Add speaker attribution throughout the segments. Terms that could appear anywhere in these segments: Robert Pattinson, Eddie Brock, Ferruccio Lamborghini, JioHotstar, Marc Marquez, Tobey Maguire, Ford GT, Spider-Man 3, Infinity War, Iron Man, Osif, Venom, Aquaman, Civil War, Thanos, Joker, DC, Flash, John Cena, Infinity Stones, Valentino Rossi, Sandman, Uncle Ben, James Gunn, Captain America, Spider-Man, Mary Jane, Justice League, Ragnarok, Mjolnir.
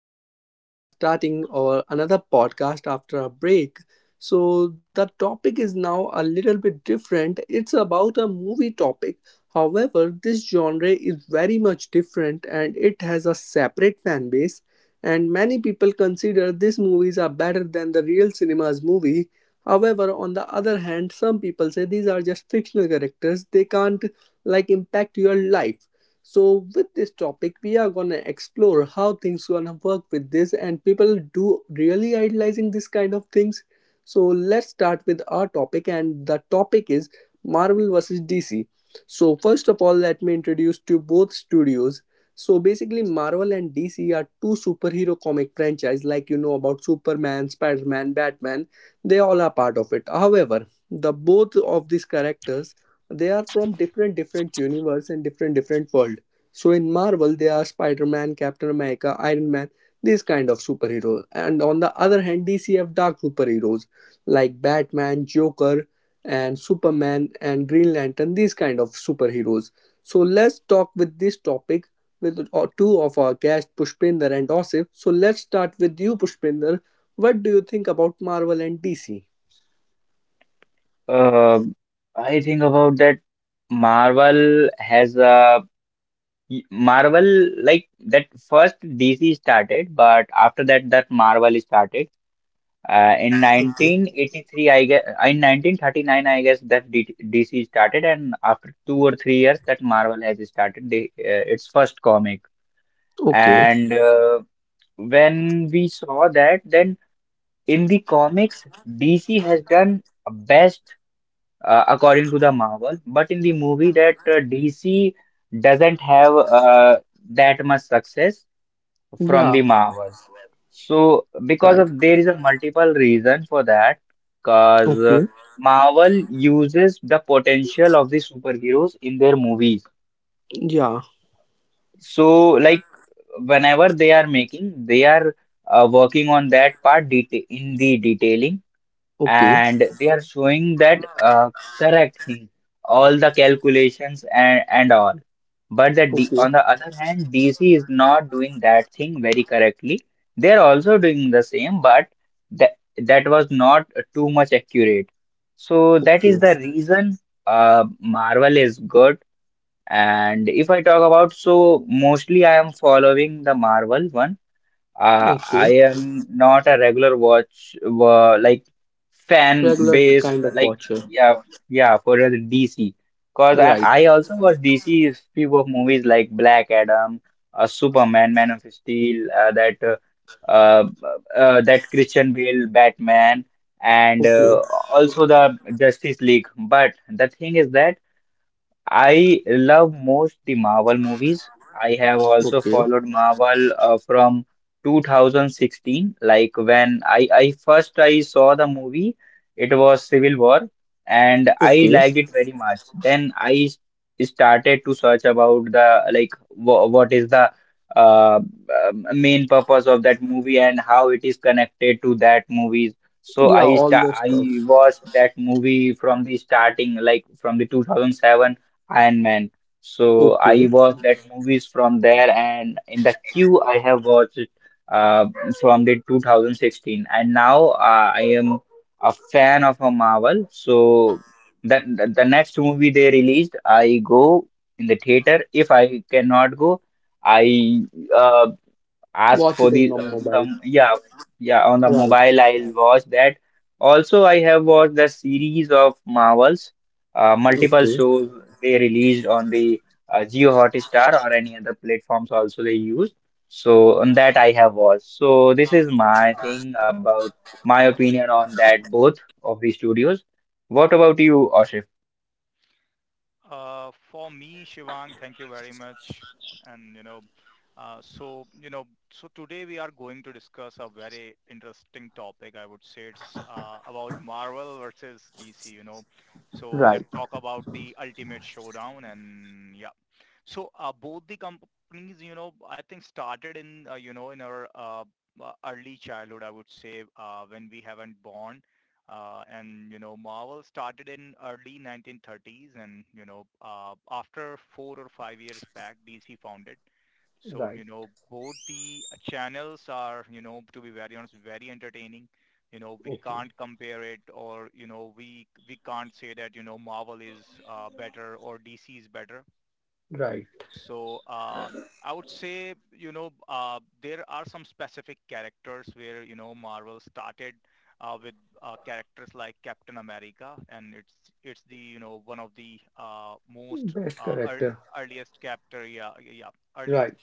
Speaker 1: today we are starting our another podcast after a break. So, the topic is now a little bit different. It's about a movie topic. However, this genre is very much different and it has a separate fan base, and many people consider these movies are better than the real cinema's movie. However, on the other hand, some people say these are just fictional characters. They can't like impact your life, so with this topic, we are gonna explore how things gonna work with this, and people do really idolizing this kind of things. So let's start with our topic, and the topic is Marvel versus DC. So first of all, let me introduce to both studios. So basically, Marvel and DC are two superhero comic franchise, like you know about Superman, Spider-Man, Batman. They all are part of it. However, the both of these characters, they are from different different universe and different different world. So in Marvel they are Spider-Man, Captain America, Iron Man, these kind of superhero, and on the other hand DC have dark superheroes like Batman, Joker, and Superman and Green Lantern, these kind of superheroes. So let's talk with this topic with two of our guests, Pushpinder and Osif. So let's start with you, Pushpinder. What do you think about Marvel and DC?
Speaker 2: Uh, I think about that Marvel has a Marvel like that first DC started, but after that Marvel started. In 1983, I guess, in 1939, I guess, that D DC started, and after 2 or 3 years that Marvel has started its first comic.
Speaker 1: Okay.
Speaker 2: And When we saw that, then in the comics, DC has done best according to the Marvel. But in the movie, that DC doesn't have that much success from the
Speaker 1: Yeah.
Speaker 2: Marvel. So because
Speaker 1: Right.
Speaker 2: of there is a multiple reason for that, because
Speaker 1: Okay.
Speaker 2: Marvel uses the potential of the superheroes in their movies.
Speaker 1: Yeah.
Speaker 2: So like whenever they are making, they are working on that part deta in the detailing,
Speaker 1: Okay,
Speaker 2: and they are showing that correct thing, all the calculations and all. But
Speaker 1: okay,
Speaker 2: on the other hand, DC is not doing that thing very correctly. They are also doing the same, but that was not too much accurate. So that is
Speaker 1: okay,
Speaker 2: the reason Marvel is good. And if I talk about, so mostly I am following the Marvel one.
Speaker 1: okay.
Speaker 2: I am not a regular watch like fan
Speaker 1: Regular
Speaker 2: base
Speaker 1: kind of
Speaker 2: like.
Speaker 1: watcher.
Speaker 2: Yeah, yeah, for the DC, because I,
Speaker 1: Right.
Speaker 2: I also watch DC's few of movies like Black Adam, Superman, Man of Steel, uh, uh, that Christian Bale Batman, and
Speaker 1: Okay,
Speaker 2: uh, also the Justice League. But the thing is that I love most the Marvel movies. I have also
Speaker 1: okay,
Speaker 2: followed Marvel from 2016, like when I first I saw the movie, it was Civil War, and I
Speaker 1: okay.
Speaker 2: liked it very much. Then I started to search about the like wh what is the uh, main purpose of that movie and how it is connected to that movie. So
Speaker 1: Yeah, all the
Speaker 2: I
Speaker 1: stuff.
Speaker 2: watched that movie from the starting, like from the 2007 Iron Man. So
Speaker 1: Okay.
Speaker 2: I watched that movies from there, and in the queue I have watched it uh, from the 2016, and now I am a fan of a Marvel. So that the next movie they released, I go in the theater. If I cannot go, I uh, ask
Speaker 1: Watch
Speaker 2: for
Speaker 1: it in
Speaker 2: the
Speaker 1: the mobile.
Speaker 2: some. Yeah, yeah, on the
Speaker 1: Right.
Speaker 2: mobile I'll watch that. Also, I have watched the series of Marvels, multiple
Speaker 1: Okay.
Speaker 2: shows they released on the JioHotstar, or any other platforms also they use. So on that I have watched. So this is my thing about my opinion on that both of the studios. What about you, Ashif?
Speaker 1: Right. Right. Okay. Right. Best character. Right.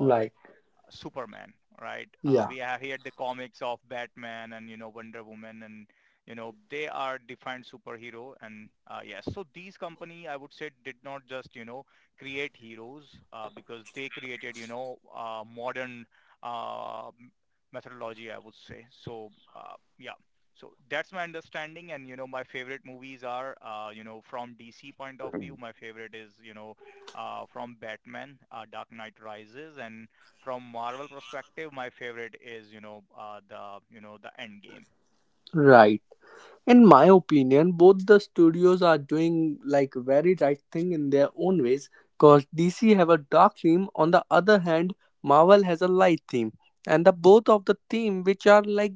Speaker 1: Like. Yeah. Right. In my opinion, both the studios are doing like very right thing in their own ways, because DC have a dark theme. On the other hand, Marvel has a light theme, and the both of the theme which are like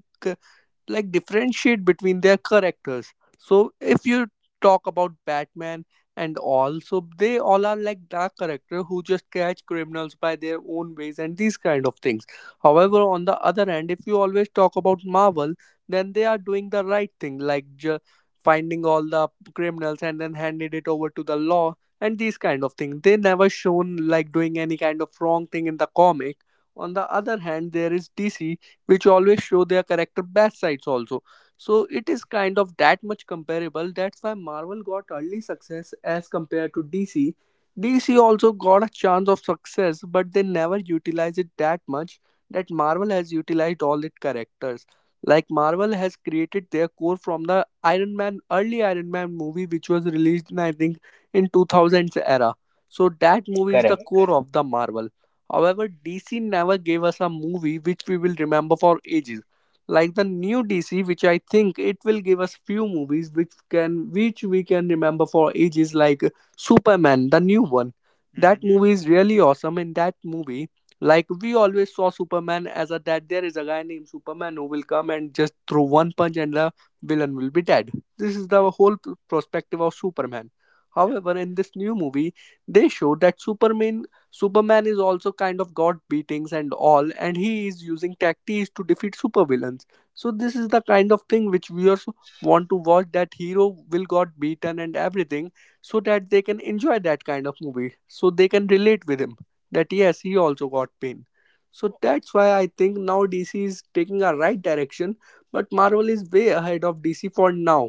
Speaker 1: like differentiate between their characters. So if you talk about Batman and all, so they all are like dark character who just catch criminals by their own ways and these kind of things. However, on the other hand, if you always talk about Marvel, then they are doing the right thing, like finding all the criminals and then handed it over to the law and these kind of things. They never shown like doing any kind of wrong thing in the comic. On the other hand, there is DC which always show their character bad sides also. So it is kind of that much comparable. That's why Marvel got early success as compared to DC. DC also got a chance of success, but they never utilize it that much that Marvel has utilized all its characters. Like Marvel has created their core from the Iron Man, early Iron Man movie, which was released in I think in 2000s era. So that movie is the
Speaker 2: Correct.
Speaker 1: core of the Marvel. However, DC never gave us a movie which we will remember for ages. Like the new DC, which I think it will give us few movies which we can remember for ages, like Superman, the new one. That movie is really awesome. In that movie, like we always saw Superman as a, that there is a guy named Superman who will come and just throw one punch and the villain will be dead. This is the whole perspective of Superman. However, in this new movie, they show that Superman is also kind of got beatings and all, and he is using tactics to defeat supervillains. So this is the kind of thing which we also want to watch, that hero will got beaten and everything, so that they can enjoy that kind of movie, so they can relate with him, that yes, he also got pain. So that's why I think now DC is taking a right direction, but Marvel is way ahead of DC for now.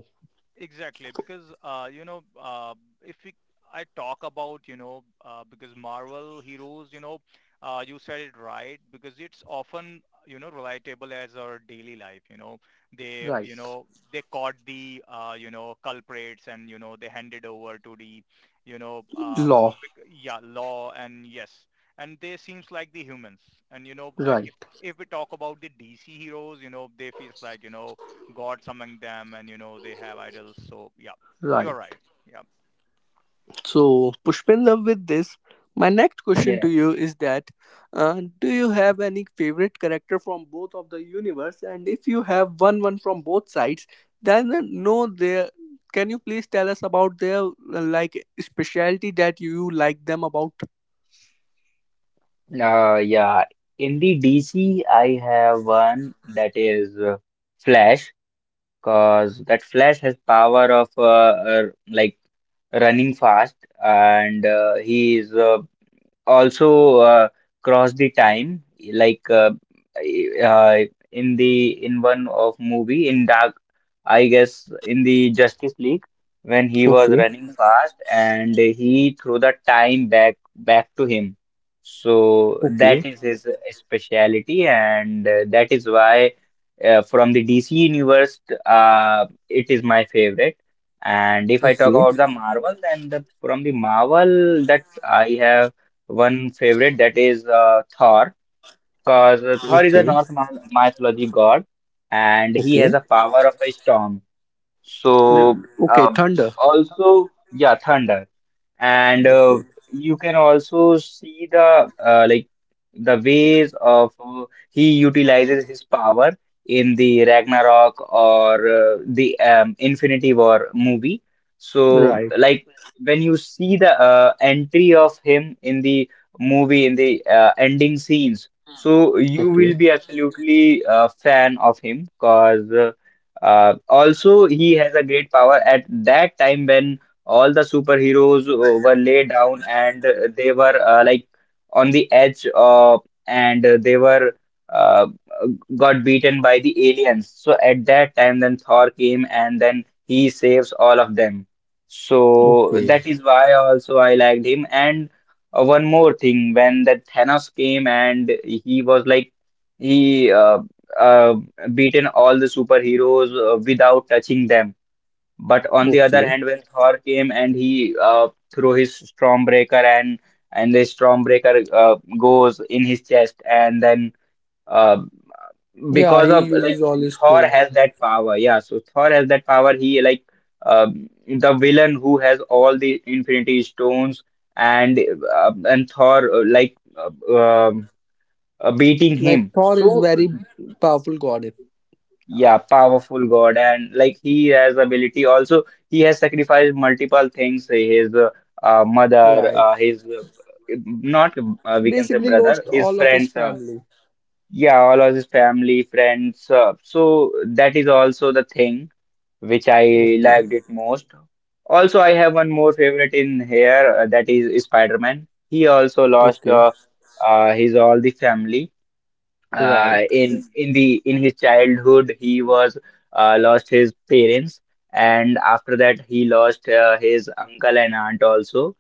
Speaker 1: Right. Law. Right. Right. So, Pushpender, with this, my next question
Speaker 2: Yeah.
Speaker 1: to you is that, do you have any favorite character from both of the universe? And if you have one from both sides, then know their. Can you please tell us about their like specialty that you like them about?
Speaker 2: Yeah. In the DC, I have one that is Flash. Cause that Flash has power of uh, like running fast, and he is also cross the time, like, uh, in the in one of movie in dark, I guess in the Justice League, when he was
Speaker 1: Okay,
Speaker 2: running fast and he threw the time back to him. So
Speaker 1: okay,
Speaker 2: that is his speciality, and that is why from the DC universe, it is my favorite. And if I talk
Speaker 1: okay,
Speaker 2: about the Marvel, then from the Marvel that I have one favorite, that is Thor, because Thor is a
Speaker 1: okay,
Speaker 2: Norse mythology god, and he
Speaker 1: okay,
Speaker 2: has a power of a storm. So,
Speaker 1: Okay, Thunder.
Speaker 2: also, yeah, thunder. And
Speaker 1: Okay.
Speaker 2: You can also see the like the ways of he utilizes his power in the Ragnarok, or the Infinity War movie. So,
Speaker 1: Right.
Speaker 2: like, when you see the entry of him in the movie, in the ending scenes, so you will
Speaker 1: Okay,
Speaker 2: be absolutely a fan of him because also, he has a great power at that time when all the superheroes were laid down, and they were like on the edge of, and they were uh, got beaten by the aliens. So at that time, then Thor came and then he saves all of them. So
Speaker 1: okay,
Speaker 2: that is why also I liked him. And one more thing, when that Thanos came and he was like he uh, beaten all the superheroes without touching them. But on the other
Speaker 1: okay.
Speaker 2: hand, when Thor came and he threw his Stormbreaker, and the Stormbreaker goes in his chest, and then uh,
Speaker 1: Yeah,
Speaker 2: because
Speaker 1: he
Speaker 2: of like
Speaker 1: uses all his
Speaker 2: Thor
Speaker 1: tone.
Speaker 2: has that power, yeah. So Thor has that power. He like the villain who has all the Infinity Stones, and and Thor beating
Speaker 1: Like
Speaker 2: him.
Speaker 1: Thor is
Speaker 2: So
Speaker 1: very powerful goddess.
Speaker 2: yeah, powerful God, and like he has ability. Also, he has sacrificed multiple things. His mother,
Speaker 1: Right.
Speaker 2: his not we can say
Speaker 1: Basically
Speaker 2: brother,
Speaker 1: lost
Speaker 2: his
Speaker 1: all of his
Speaker 2: friends.
Speaker 1: family.
Speaker 2: Yeah, all of his family, friends. So that is also the thing which I
Speaker 1: Okay.
Speaker 2: liked it most. Also, I have one more favorite in here. That is Spider-Man. He also lost
Speaker 1: Okay.
Speaker 2: his all the family uh,
Speaker 1: Right.
Speaker 2: in in the in his childhood. He was lost his parents, and after that he lost his uncle and aunt also.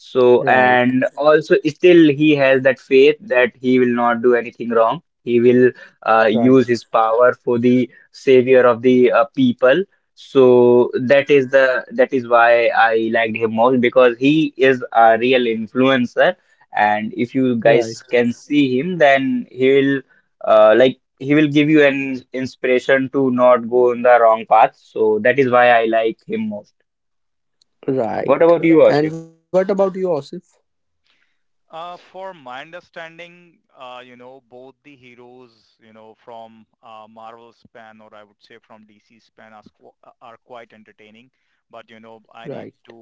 Speaker 2: So,
Speaker 1: Right.
Speaker 2: and also still he has that faith that he will not do anything wrong. He will use
Speaker 1: Right.
Speaker 2: his power for the savior of the people. So that is why I liked him most, because he is a real influencer. And if you guys
Speaker 1: Right.
Speaker 2: can see him, then he will like he will give you an inspiration to not go in the wrong path. So that is why I like him most. What
Speaker 1: Right.
Speaker 2: about you, Ashif?
Speaker 1: And what about Yosef? Right.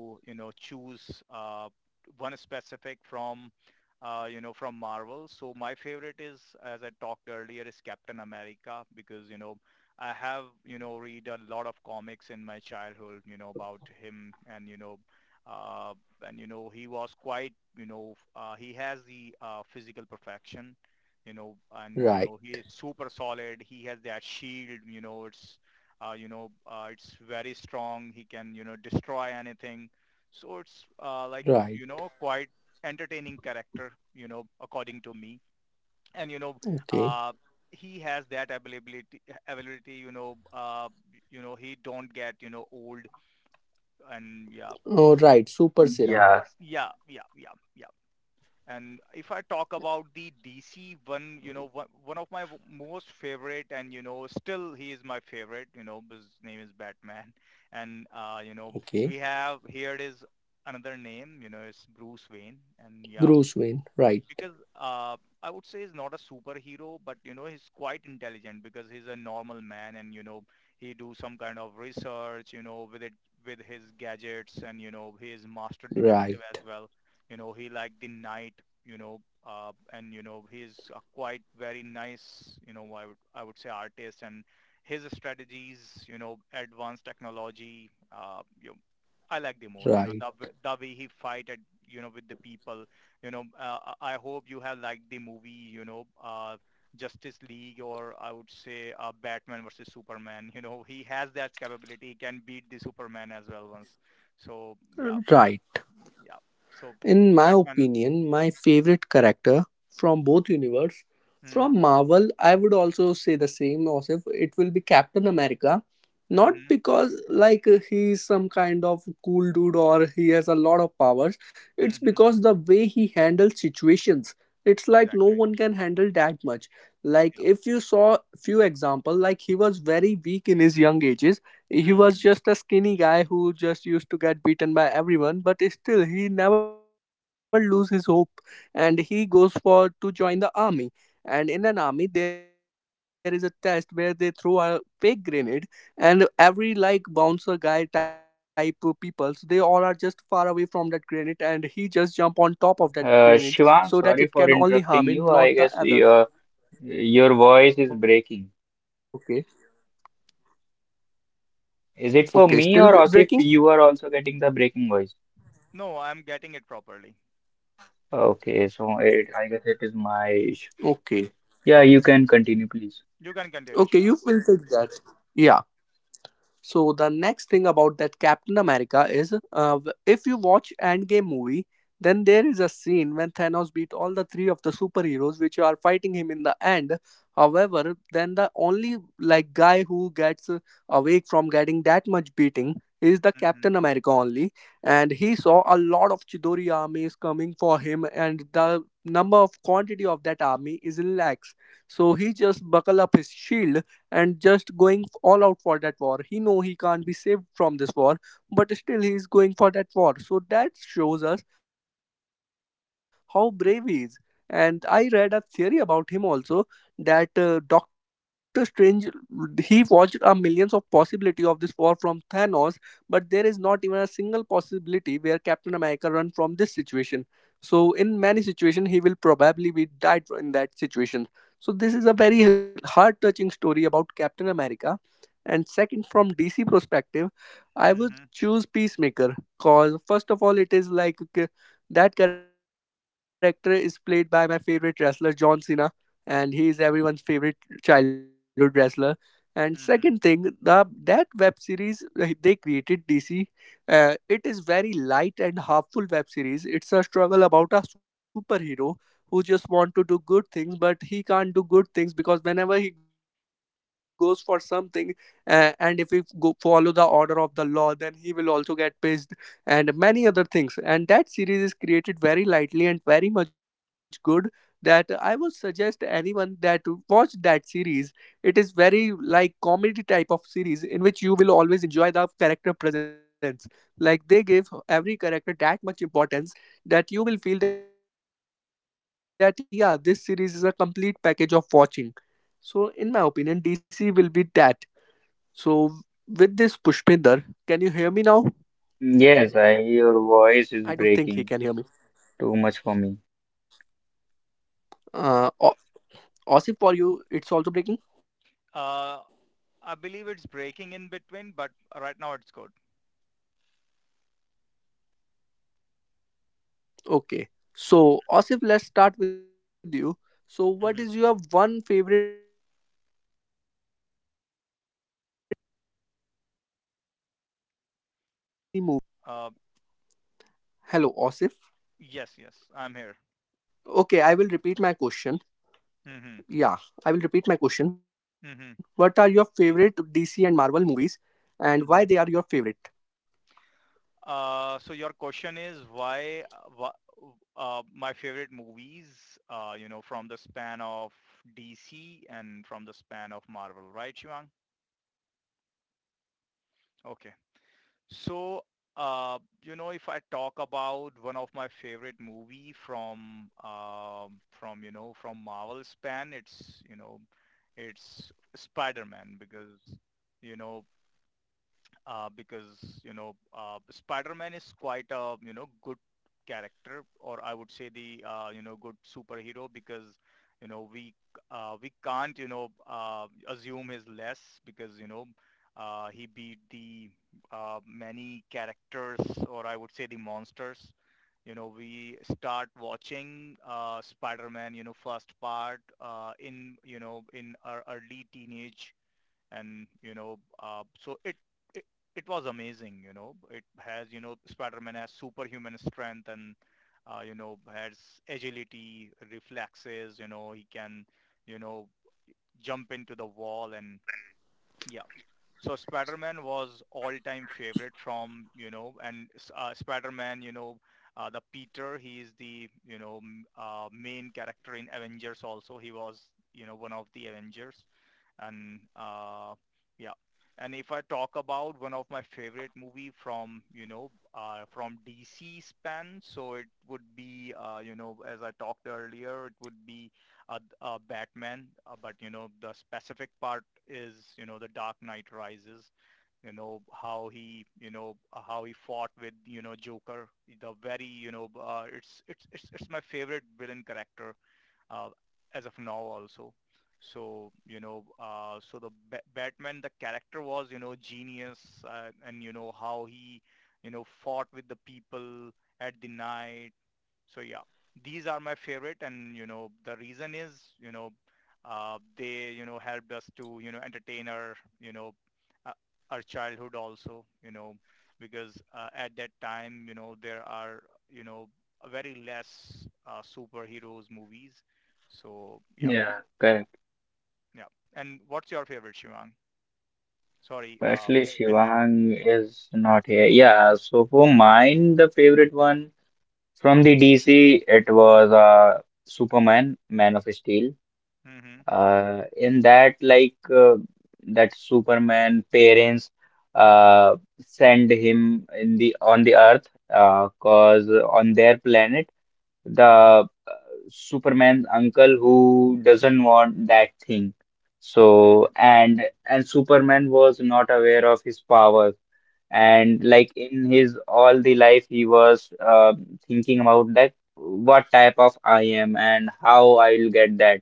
Speaker 1: Right. Right. Okay. Oh right. Super serum.
Speaker 2: Yeah.
Speaker 1: Okay. Bruce Wayne. Right. Right. Right. Right. In my opinion, my favorite character from both universe, from Marvel, I would also say the same. Also, it will be Captain America. Not because like he's some kind of cool dude or he has a lot of powers. It's because the way he handles situations. It's like no one can handle that much. Like if you saw few example, like he was very weak in his young ages, he was just a skinny guy who just used to get beaten by everyone, but still he never lose his hope, and he goes for to join the army. And in an army there is a test where they throw a fake grenade, and every like bouncer guy type of peoples, they all are just far away from that grenade, and he just jump on top of that grenade so that it can only harm him,
Speaker 2: Shivang,
Speaker 1: not the
Speaker 2: sorry for
Speaker 1: others.
Speaker 2: interrupting you. I guess
Speaker 1: Okay.
Speaker 2: your voice is breaking.
Speaker 1: Okay, still breaking?
Speaker 2: Is it for me or as if? You are also getting the breaking voice. Okay, so it, I guess it
Speaker 1: Okay.
Speaker 2: is my issue. Yeah, you can
Speaker 1: Okay,
Speaker 2: continue,
Speaker 1: you will
Speaker 2: please.
Speaker 1: take that. Yeah. So the next thing about that Captain America is, if you watch Endgame movie, then there is a scene when Thanos beat all the three of the superheroes which are fighting him in the end. However, then the only like guy who gets awake from getting that much beating is the Captain America only, and he saw a lot of Chidori armies coming for him, and the number of quantity of that army is in lakhs. So he just buckle up his shield and just going all out for that war. He know he can't be saved from this war, but still he is going for that war. So that shows us how brave he is. And I read a theory about him also, that Doctor Strange, he watched a millions of possibility of this war from Thanos, but there is not even a single possibility where Captain America run from this situation. So in many situation he will probably be died in that situation. So this is a very heart touching story about Captain America. And second, from DC perspective, I would choose Peacemaker because first of all, it is like that character is played by my favorite wrestler John Cena, and he is everyone's favorite childhood wrestler. And second thing, the that web series, they created DC, it is very light and harmful web series. It's a struggle about a superhero who just want to do good things, but he can't do good things because whenever he goes for something, and if we go follow the order of the law, then he will also get pissed and many other things. And that series is created very lightly and very much good, that I would suggest anyone that to watch that series. It is very like comedy type of series in which you will always enjoy the character presence, like they give every character that much importance, that you will feel that yeah, this series is a complete package of watching. So in my opinion DC will be that. So, with this Pushpinder, can you hear me now? I don't
Speaker 2: Yes,
Speaker 1: think
Speaker 2: I
Speaker 1: he can
Speaker 2: your
Speaker 1: hear me.
Speaker 2: voice is breaking too much for me.
Speaker 1: Uh, O- Osif, for you, it's also breaking? Okay. So, Osif, let's start with you. So, what is your and why that movies are your favorite? Hello, Osif. Okay, I will repeat my question. Yeah, I will repeat my question. What are your favorite DC and Marvel movies and why they are your favorite?
Speaker 2: Yeah, correct. Actually, Shivang is not here. Yeah, so for mine, the favorite one from the DC, it was Superman, Man of Steel. In that, like, that Superman parents uh, send him in the on the Earth, cause on their planet the Superman's uncle who doesn't want that thing. So, and Superman was not aware of his powers, and like in his all the life, he was thinking about that, what type of I am and how I will get that.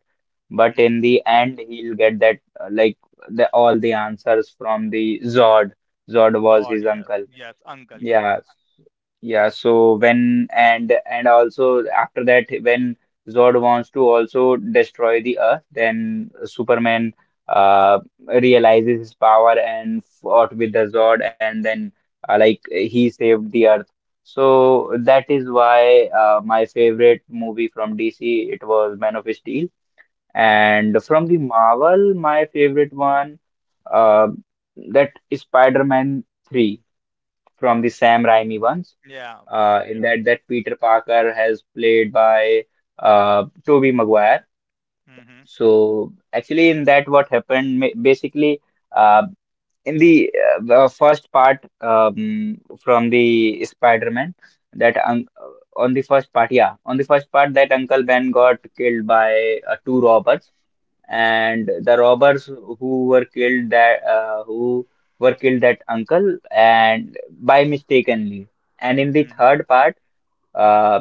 Speaker 2: But in the end, he'll get that like the all the answers from the Zod. Zod was his uncle. Yeah. Yeah, so when and also after that, when Zod wants to also destroy the Earth, then Superman uh realizes his power and fought with the Zod, and then like he saved the Earth. So that is why my favorite movie from DC, it was Man of Steel, and from the Marvel my favorite one uh that is Spider-Man 3, from the Sam Raimi ones. In that, that Peter Parker has played by Tobey Maguire. So actually, in that what happened basically, uh, the first part, from the Spider-Man, that un on the first part, yeah, on the first part, that Uncle Ben got killed by two robbers, and the robbers who were killed that who were killed that uncle and by mistakenly. And in the third part uh,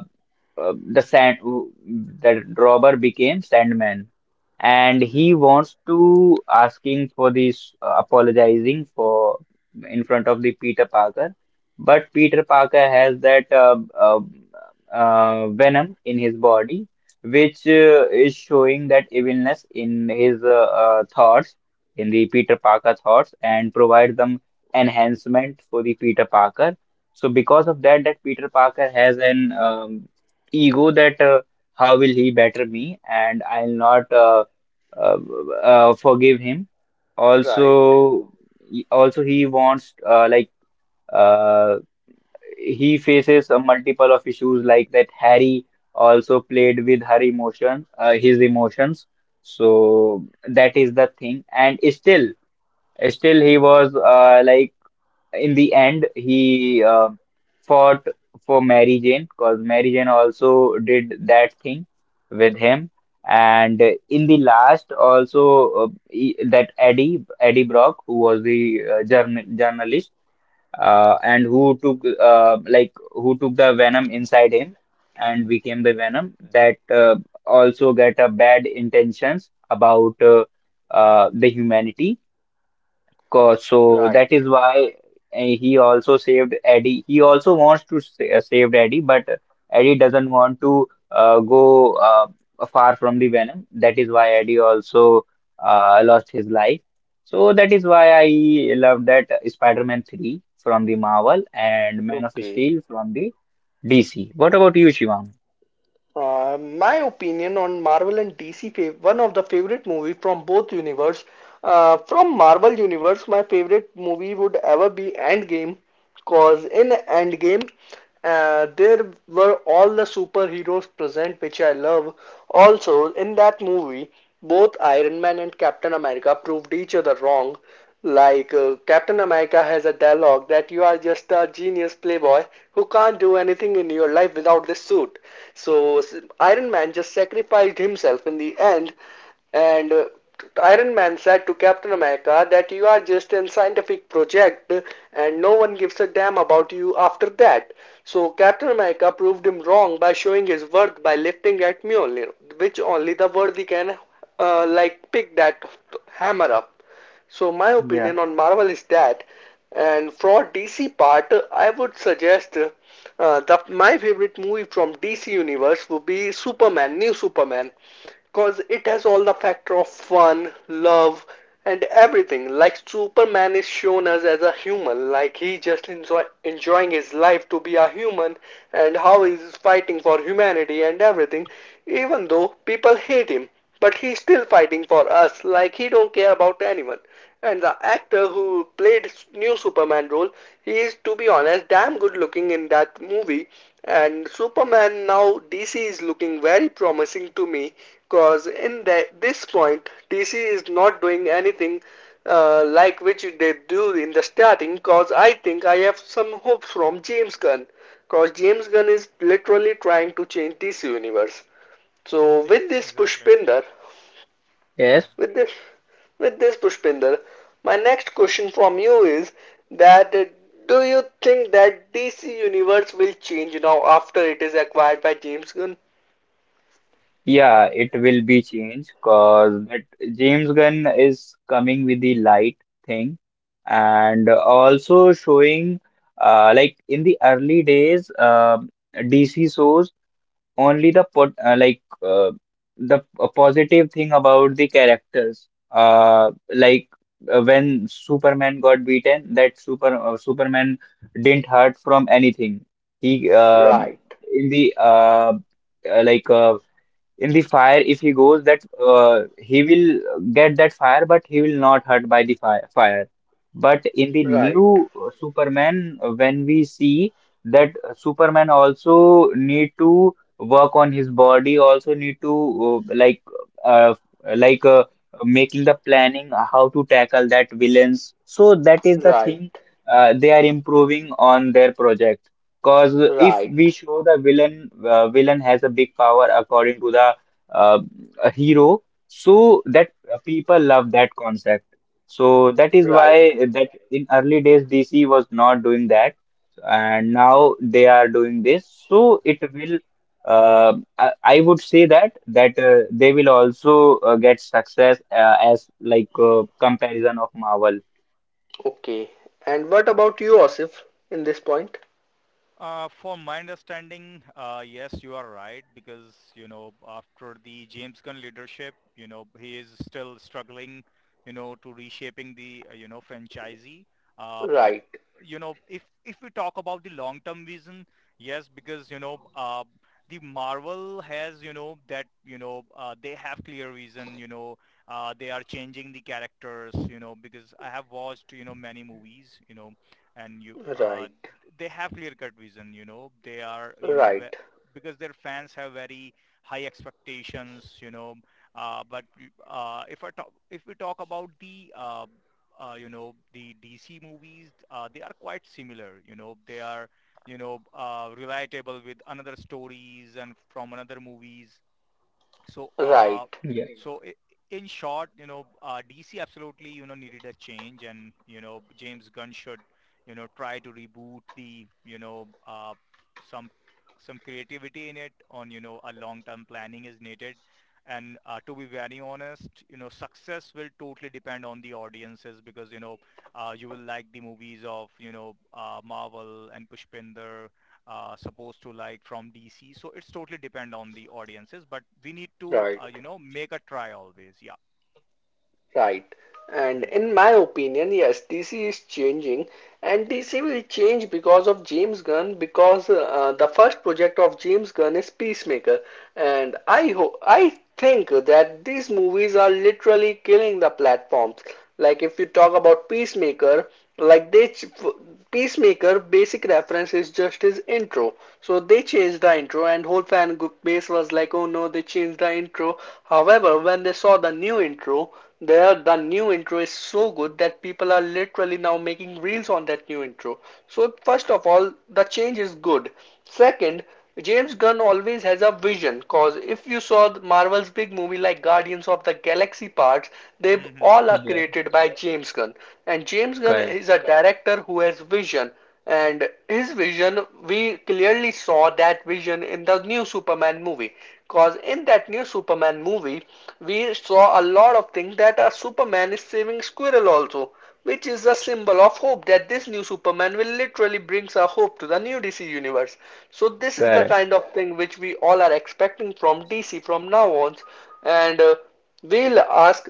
Speaker 2: uh, the sand the robber became Sandman, and he wants to asking for this, apologizing for, in front of the Peter Parker, but Peter Parker has that venom in his body, which is showing that evilness in his thoughts, in the Peter Parker thoughts, and provide them enhancement for the Peter Parker. So because of that, that Peter Parker has an ego that how will he better me, and I'll not uh, forgive him.
Speaker 3: Right,
Speaker 2: Also, also he wants like uh, he faces a multiple of issues, like that Harry also played with her emotion, his emotions. So that is the thing, and still he was like in the end, he fought for Mary Jane, because Mary Jane also did that thing with him. And in the last, also that Eddie Brock, who was the journalist, and who took the venom inside him and became the venom, that also get a bad intentions about the humanity course. So
Speaker 3: right.
Speaker 2: that is why he also saved Eddie. He also wants to save Eddie, but Eddie doesn't want to go far from the Venom. That is why Eddie also lost his life. So that is why I love that Spider-Man 3 from the Marvel and Man of
Speaker 3: Okay.
Speaker 2: Steel from the DC. What about you, Shivam?
Speaker 3: My opinion on Marvel and DC, one of the favorite movie from both universe. From Marvel universe, my favorite movie would ever be Endgame, cause in Endgame, there were all the superheroes present, which I love. Also, in that movie, both Iron Man and Captain America proved each other wrong. Like, Captain America has a dialogue that you are just a genius playboy who can't do anything in your life without this suit. So, Iron Man just sacrificed himself in the end, and Iron Man said to Captain America that you are just a scientific project and no one gives a damn about you after that. So Captain America proved him wrong by showing his worth by lifting at Mjolnir, which only the worthy can like pick that hammer up. So my
Speaker 2: Yeah.
Speaker 3: opinion on Marvel is that, and for DC part, I would suggest the my favorite movie from DC universe would be Superman, New Superman, because it has all the factor of fun, love, and everything. Like Superman is shown us as a human, like he just enjoying his life to be a human, and how he is fighting for humanity and everything, even though people hate him but he's still fighting for us like he don't care about anyone. And the actor who played new Superman role, he is to be honest damn good looking in that movie. And Superman now DC is looking very promising to me cause in this point DC is not doing anything like which they do in the starting cause I think I have some hope from James Gunn cause James Gunn is literally trying to change DC universe. So with this
Speaker 4: Exactly.
Speaker 3: Pushpinder,
Speaker 2: Yes.
Speaker 3: with this, with this, Pushpinder, my next question from you is that do you think that DC Universe will change now after it is acquired by James Gunn?
Speaker 2: Yeah, it will be changed because that James Gunn is coming with the light thing, and also showing, like in the early days, DC shows only the pot like the positive thing about the characters. When Superman got beaten, that Superman didn't hurt from anything. He
Speaker 3: Right,
Speaker 2: In the uh, like uh, in the fire, if he goes, that he will get that fire, but he will not hurt by the fire. But in the
Speaker 3: right,
Speaker 2: new Superman, when we see that Superman also need to work on his body, also need to, uh, like uh, like uh, making the planning how to tackle that villains. So that is the
Speaker 3: right,
Speaker 2: thing, they are improving on their project. Cause if
Speaker 3: right,
Speaker 2: we show the villain, villain has a big power according to the uh, a hero, so that people love that concept. So that is
Speaker 3: right.
Speaker 2: why that in early days DC was not doing that, and now they are doing this. So it will, uh, I would say that they will also get success as like comparison of Marvel.
Speaker 3: Okay. And what about you, Asif, in this point?
Speaker 4: For my understanding, yes, you are right because, after the James Gunn leadership, he is still struggling, to reshaping the, franchisee. Uh, but,
Speaker 3: Right,
Speaker 4: you know, if we talk about the long-term vision, yes, because, the Marvel has, that, they have clear vision, they are changing the characters, because I have watched, many movies, and you
Speaker 3: right,
Speaker 4: they have clear cut vision. They are,
Speaker 3: right,
Speaker 4: because their fans have very high expectations. But if we talk about the you know the DC movies, they are quite similar. They are, relatable with another stories and from another movies. so, uh,
Speaker 3: right,
Speaker 2: Yeah,
Speaker 4: so i- in short, DC absolutely, needed a change, and James Gunn should, try to reboot the, some creativity in it on, a long-term planning is needed. And to be very honest, success will totally depend on the audiences because, you will like the movies of, Marvel and Pushpinder supposed to like from DC. So it's totally depend on the audiences, but we need to,
Speaker 3: right.
Speaker 4: make a try always. Yeah.
Speaker 3: Right. And
Speaker 4: Hmm.
Speaker 3: in my opinion, yes, DC is changing, and DC will change because of James Gunn. Because the first project of James Gunn is Peacemaker, and I think that these movies are literally killing the platforms. Like if you talk about Peacemaker, like they Peacemaker basic reference is just his intro. So they changed the intro and whole fan base was like, oh no, they changed the intro. However, when they saw the new intro, the new intro is so good that people are literally now making reels on that new intro. So first of all, the change is good. Second, James Gunn always has a vision cause if you saw Marvel's big movie like Guardians of the Galaxy parts, they
Speaker 4: Mm-hmm.
Speaker 3: all are
Speaker 2: yeah.
Speaker 3: created by James Gunn. And James Gunn
Speaker 2: Correct,
Speaker 3: is a director who has vision. And his vision, we clearly saw that vision in the new Superman movie. Cause in that new Superman movie, we saw a lot of things that a Superman is saving Squirrel also, which is a symbol of hope that this new Superman will literally brings a hope to the new DC universe. So this is the
Speaker 2: correct.
Speaker 3: kind of thing which we all are expecting from DC from now on, and we'll ask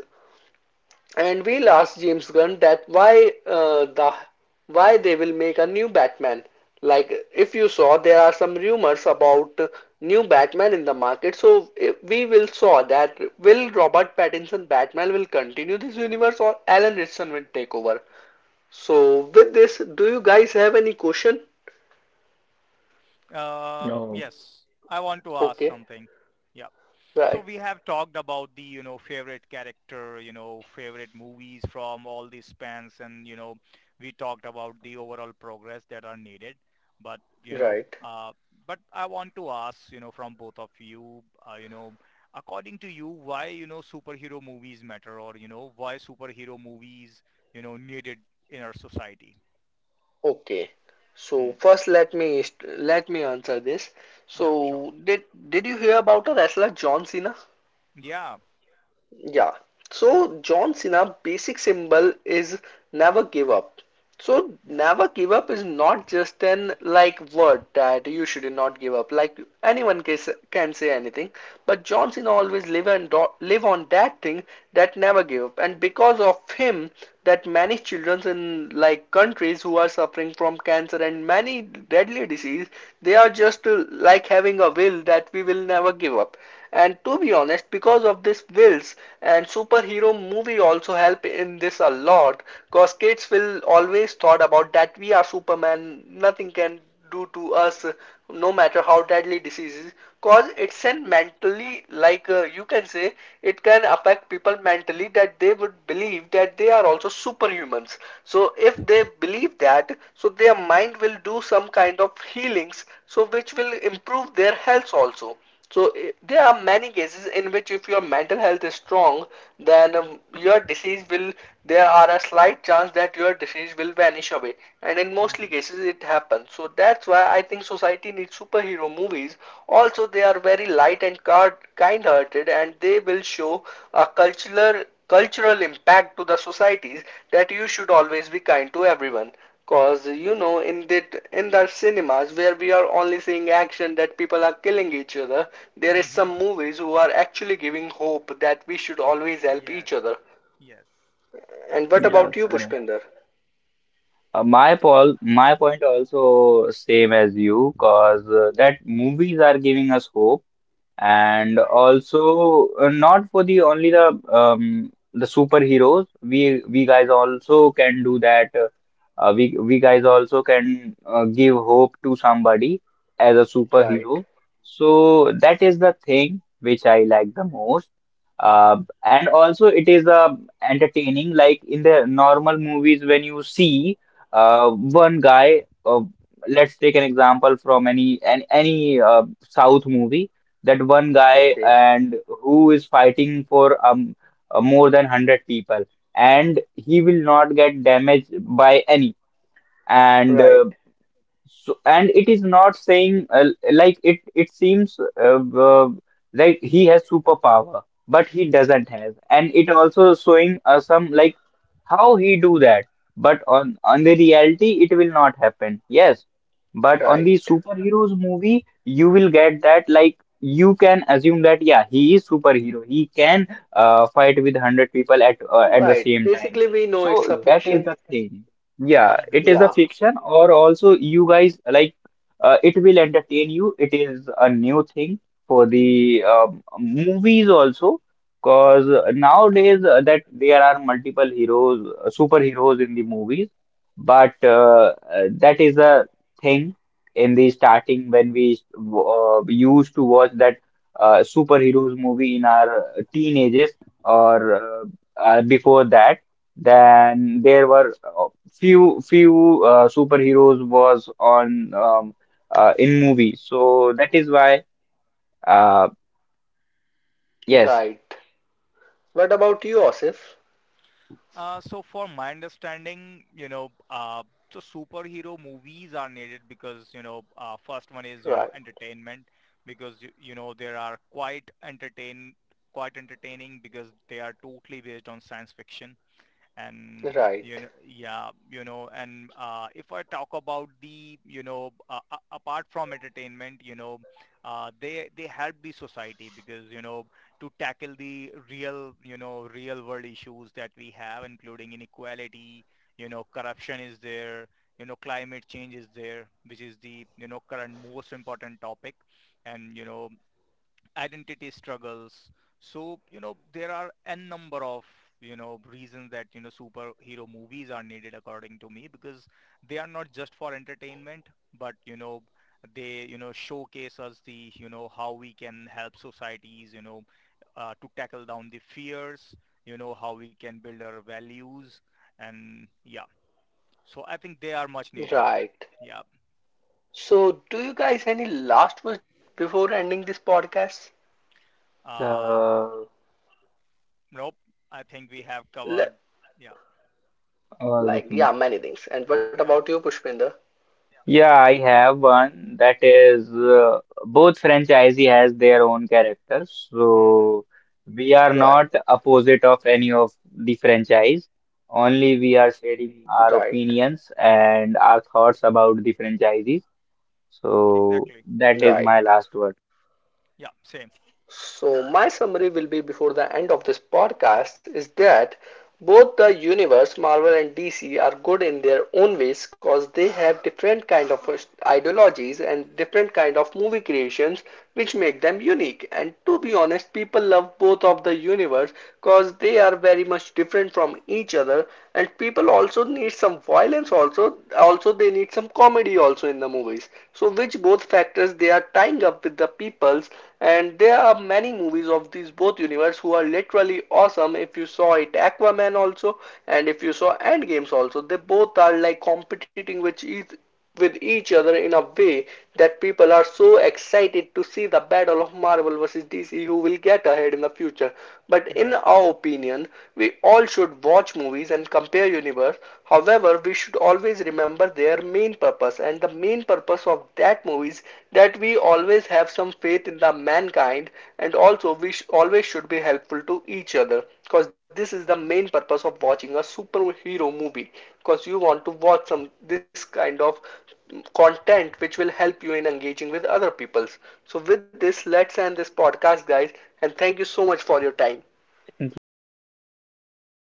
Speaker 3: we'll ask James Gunn that why the why they will make a new Batman. Like if you saw, there are some rumors about new Batman in the market. So we will saw that will Robert Pattinson Batman will continue this universe or Alan Richardson will take over. So, with this, do you guys have any question?
Speaker 4: Uh,
Speaker 2: No.
Speaker 4: yes, I want to ask
Speaker 3: Okay,
Speaker 4: something. Yeah. So
Speaker 3: right,
Speaker 4: we have talked about the, favorite character, favorite movies from all these spans and, we talked about the overall progress that are needed. But, you know,
Speaker 3: right.
Speaker 4: uh, but, I want to ask, from both of you, uh, you know, according to you, why, superhero movies matter or, why superhero movies, needed in our society?
Speaker 3: Okay.
Speaker 4: Hmm.
Speaker 3: So first, let me answer this.
Speaker 4: Yeah, sure.
Speaker 3: So did you hear about a wrestler John Cena?
Speaker 4: Yeah.
Speaker 3: Yeah. So John Cena basic symbol is never give up. So
Speaker 4: Yeah.
Speaker 3: never give up is not just an like word that you should not give up. Like anyone can say anything, but John Cena always live and do, live on that thing that never give up. And because of him, that many children in like countries who are suffering from cancer and many deadly disease, they are just like having a will that we will never give up. And to be honest, because of this wills and superhero movie also help in this a lot, cause kids will always thought about that we are Superman, nothing can do to us, no matter how deadly disease is. Cause it's an mentally like you can say it can affect people mentally that they would believe that they are also superhumans. So if they believe that, so their mind will do some kind of healings, so which will improve their health also. So there are many cases in which if your mental health is strong, then your disease will, there are a slight chance that your disease will vanish away. And in mostly
Speaker 4: Mm-hmm.
Speaker 3: cases it happens. So that's why I think society needs superhero movies. Also, they are very light and kind-hearted and they will show a cultural impact to the societies that you should always be kind to everyone. Cause you know, in that in the cinemas where we are only seeing action that people are killing each other, there is some
Speaker 4: Mm-hmm.
Speaker 3: movies who are actually giving hope that we should always help
Speaker 4: Yes.
Speaker 3: each other.
Speaker 4: Yes.
Speaker 3: And what
Speaker 2: Yeah,
Speaker 3: about you,
Speaker 2: correct.
Speaker 3: Pushpinder?
Speaker 2: My my point also same as you, cause that movies are giving us hope, and
Speaker 3: Right,
Speaker 2: also, not for the only the superheroes, we guys also can do that. We guys also can give hope to somebody as a
Speaker 3: right,
Speaker 2: superhero. So that is the thing which I like the most. uh,
Speaker 4: Mm-hmm.
Speaker 2: and also it is entertaining. Like in the normal movies when you see one guy, let's take an example from any South movie, that one guy,
Speaker 3: okay,
Speaker 2: and who is fighting for more than 100 people, and he will not get damaged by any. And
Speaker 3: right,
Speaker 2: So, and it is not saying, it it seems, like he has superpower, but he doesn't have, and it also showing some like how he do that, but on the reality it will not happen. Yes, but on
Speaker 3: right,
Speaker 2: the superheroes movie, you will get that, like you can assume that, yeah, he is superhero, he can fight with hundred people at the
Speaker 3: right.
Speaker 2: same time.
Speaker 3: Basically, we know it's a
Speaker 2: So that is
Speaker 3: fiction.
Speaker 2: the thing. Yeah,
Speaker 4: Mm-hmm.
Speaker 2: it is a
Speaker 3: Yeah,
Speaker 2: fiction, or also you guys like, it will entertain you. It is a new thing for the movies also, because nowadays, that there are multiple heroes, superheroes in the movies, but that is a thing. In the starting when we used to watch that superheroes movie in our teenagers, or before that. Then there were few superheroes was on in movies. So that is why, uh, yes,
Speaker 3: right. What about you, Osif?
Speaker 4: So for my understanding, so superhero movies are needed because, first one is,
Speaker 3: Right,
Speaker 4: entertainment because, there are quite entertaining because they are totally based on science fiction. and you know
Speaker 3: right,
Speaker 4: yeah you know and uh, if I talk about the apart from entertainment. They help the society because to tackle the real you know real world issues that we have, including inequality, corruption is there, climate change is there, which is the current most important topic, and identity struggles. So, there are n number of, reasons that, superhero movies are needed according to me because they are not just for entertainment, but, they, showcase us the, how we can help societies, to tackle down the fears, how we can build our values. And yeah, so I think they are much needed.
Speaker 3: right.
Speaker 4: Yeah.
Speaker 3: So, do you guys any last words before ending this podcast?
Speaker 4: Uh,
Speaker 2: the
Speaker 4: nope. I think we have covered.
Speaker 3: Le-
Speaker 4: Yeah.
Speaker 2: all the
Speaker 3: Like,
Speaker 2: things.
Speaker 3: yeah, many things. And what
Speaker 4: Yeah.
Speaker 3: about you, Pushpinder?
Speaker 2: Yeah, I have one, that is, both franchisee has their own characters,
Speaker 4: Hmm.
Speaker 2: so we are not
Speaker 3: Right,
Speaker 2: opposite of any of the franchise. Only we are sharing our
Speaker 3: right,
Speaker 2: opinions and our thoughts about the franchisees. So
Speaker 4: Exactly.
Speaker 2: that is my
Speaker 3: right.
Speaker 2: last word.
Speaker 4: Yeah, same.
Speaker 3: So, my summary will be before the end of this podcast is that both the universe, Marvel and DC, are good in their own ways because they have different kind of ideologies and different kind of movie creations which make them unique. And to be honest, people love both of the universe because they are very much different from each other. And people also need some violence also. Also, they need some comedy also in the movies. So which both factors they are tying up with the peoples, and there are many movies of these both universe who are literally awesome if you saw it Aquaman also, and if you saw Endgames also, they both are like competing with each other in a way that people are so excited to see the battle of Marvel versus DC who will get ahead in the future. But in
Speaker 4: Exactly.
Speaker 3: our opinion, we all should watch movies and compare universe. However, we should always remember their main purpose and the main purpose of that movies, that we always have some faith in the mankind, and also we always should be helpful to each other because this is the main purpose of watching a superhero movie because you want to watch some this kind of content which will help you in engaging with other peoples. So with this, let's end this podcast guys, and thank you so much for your time.
Speaker 2: Thank you.
Speaker 4: Thank you so much.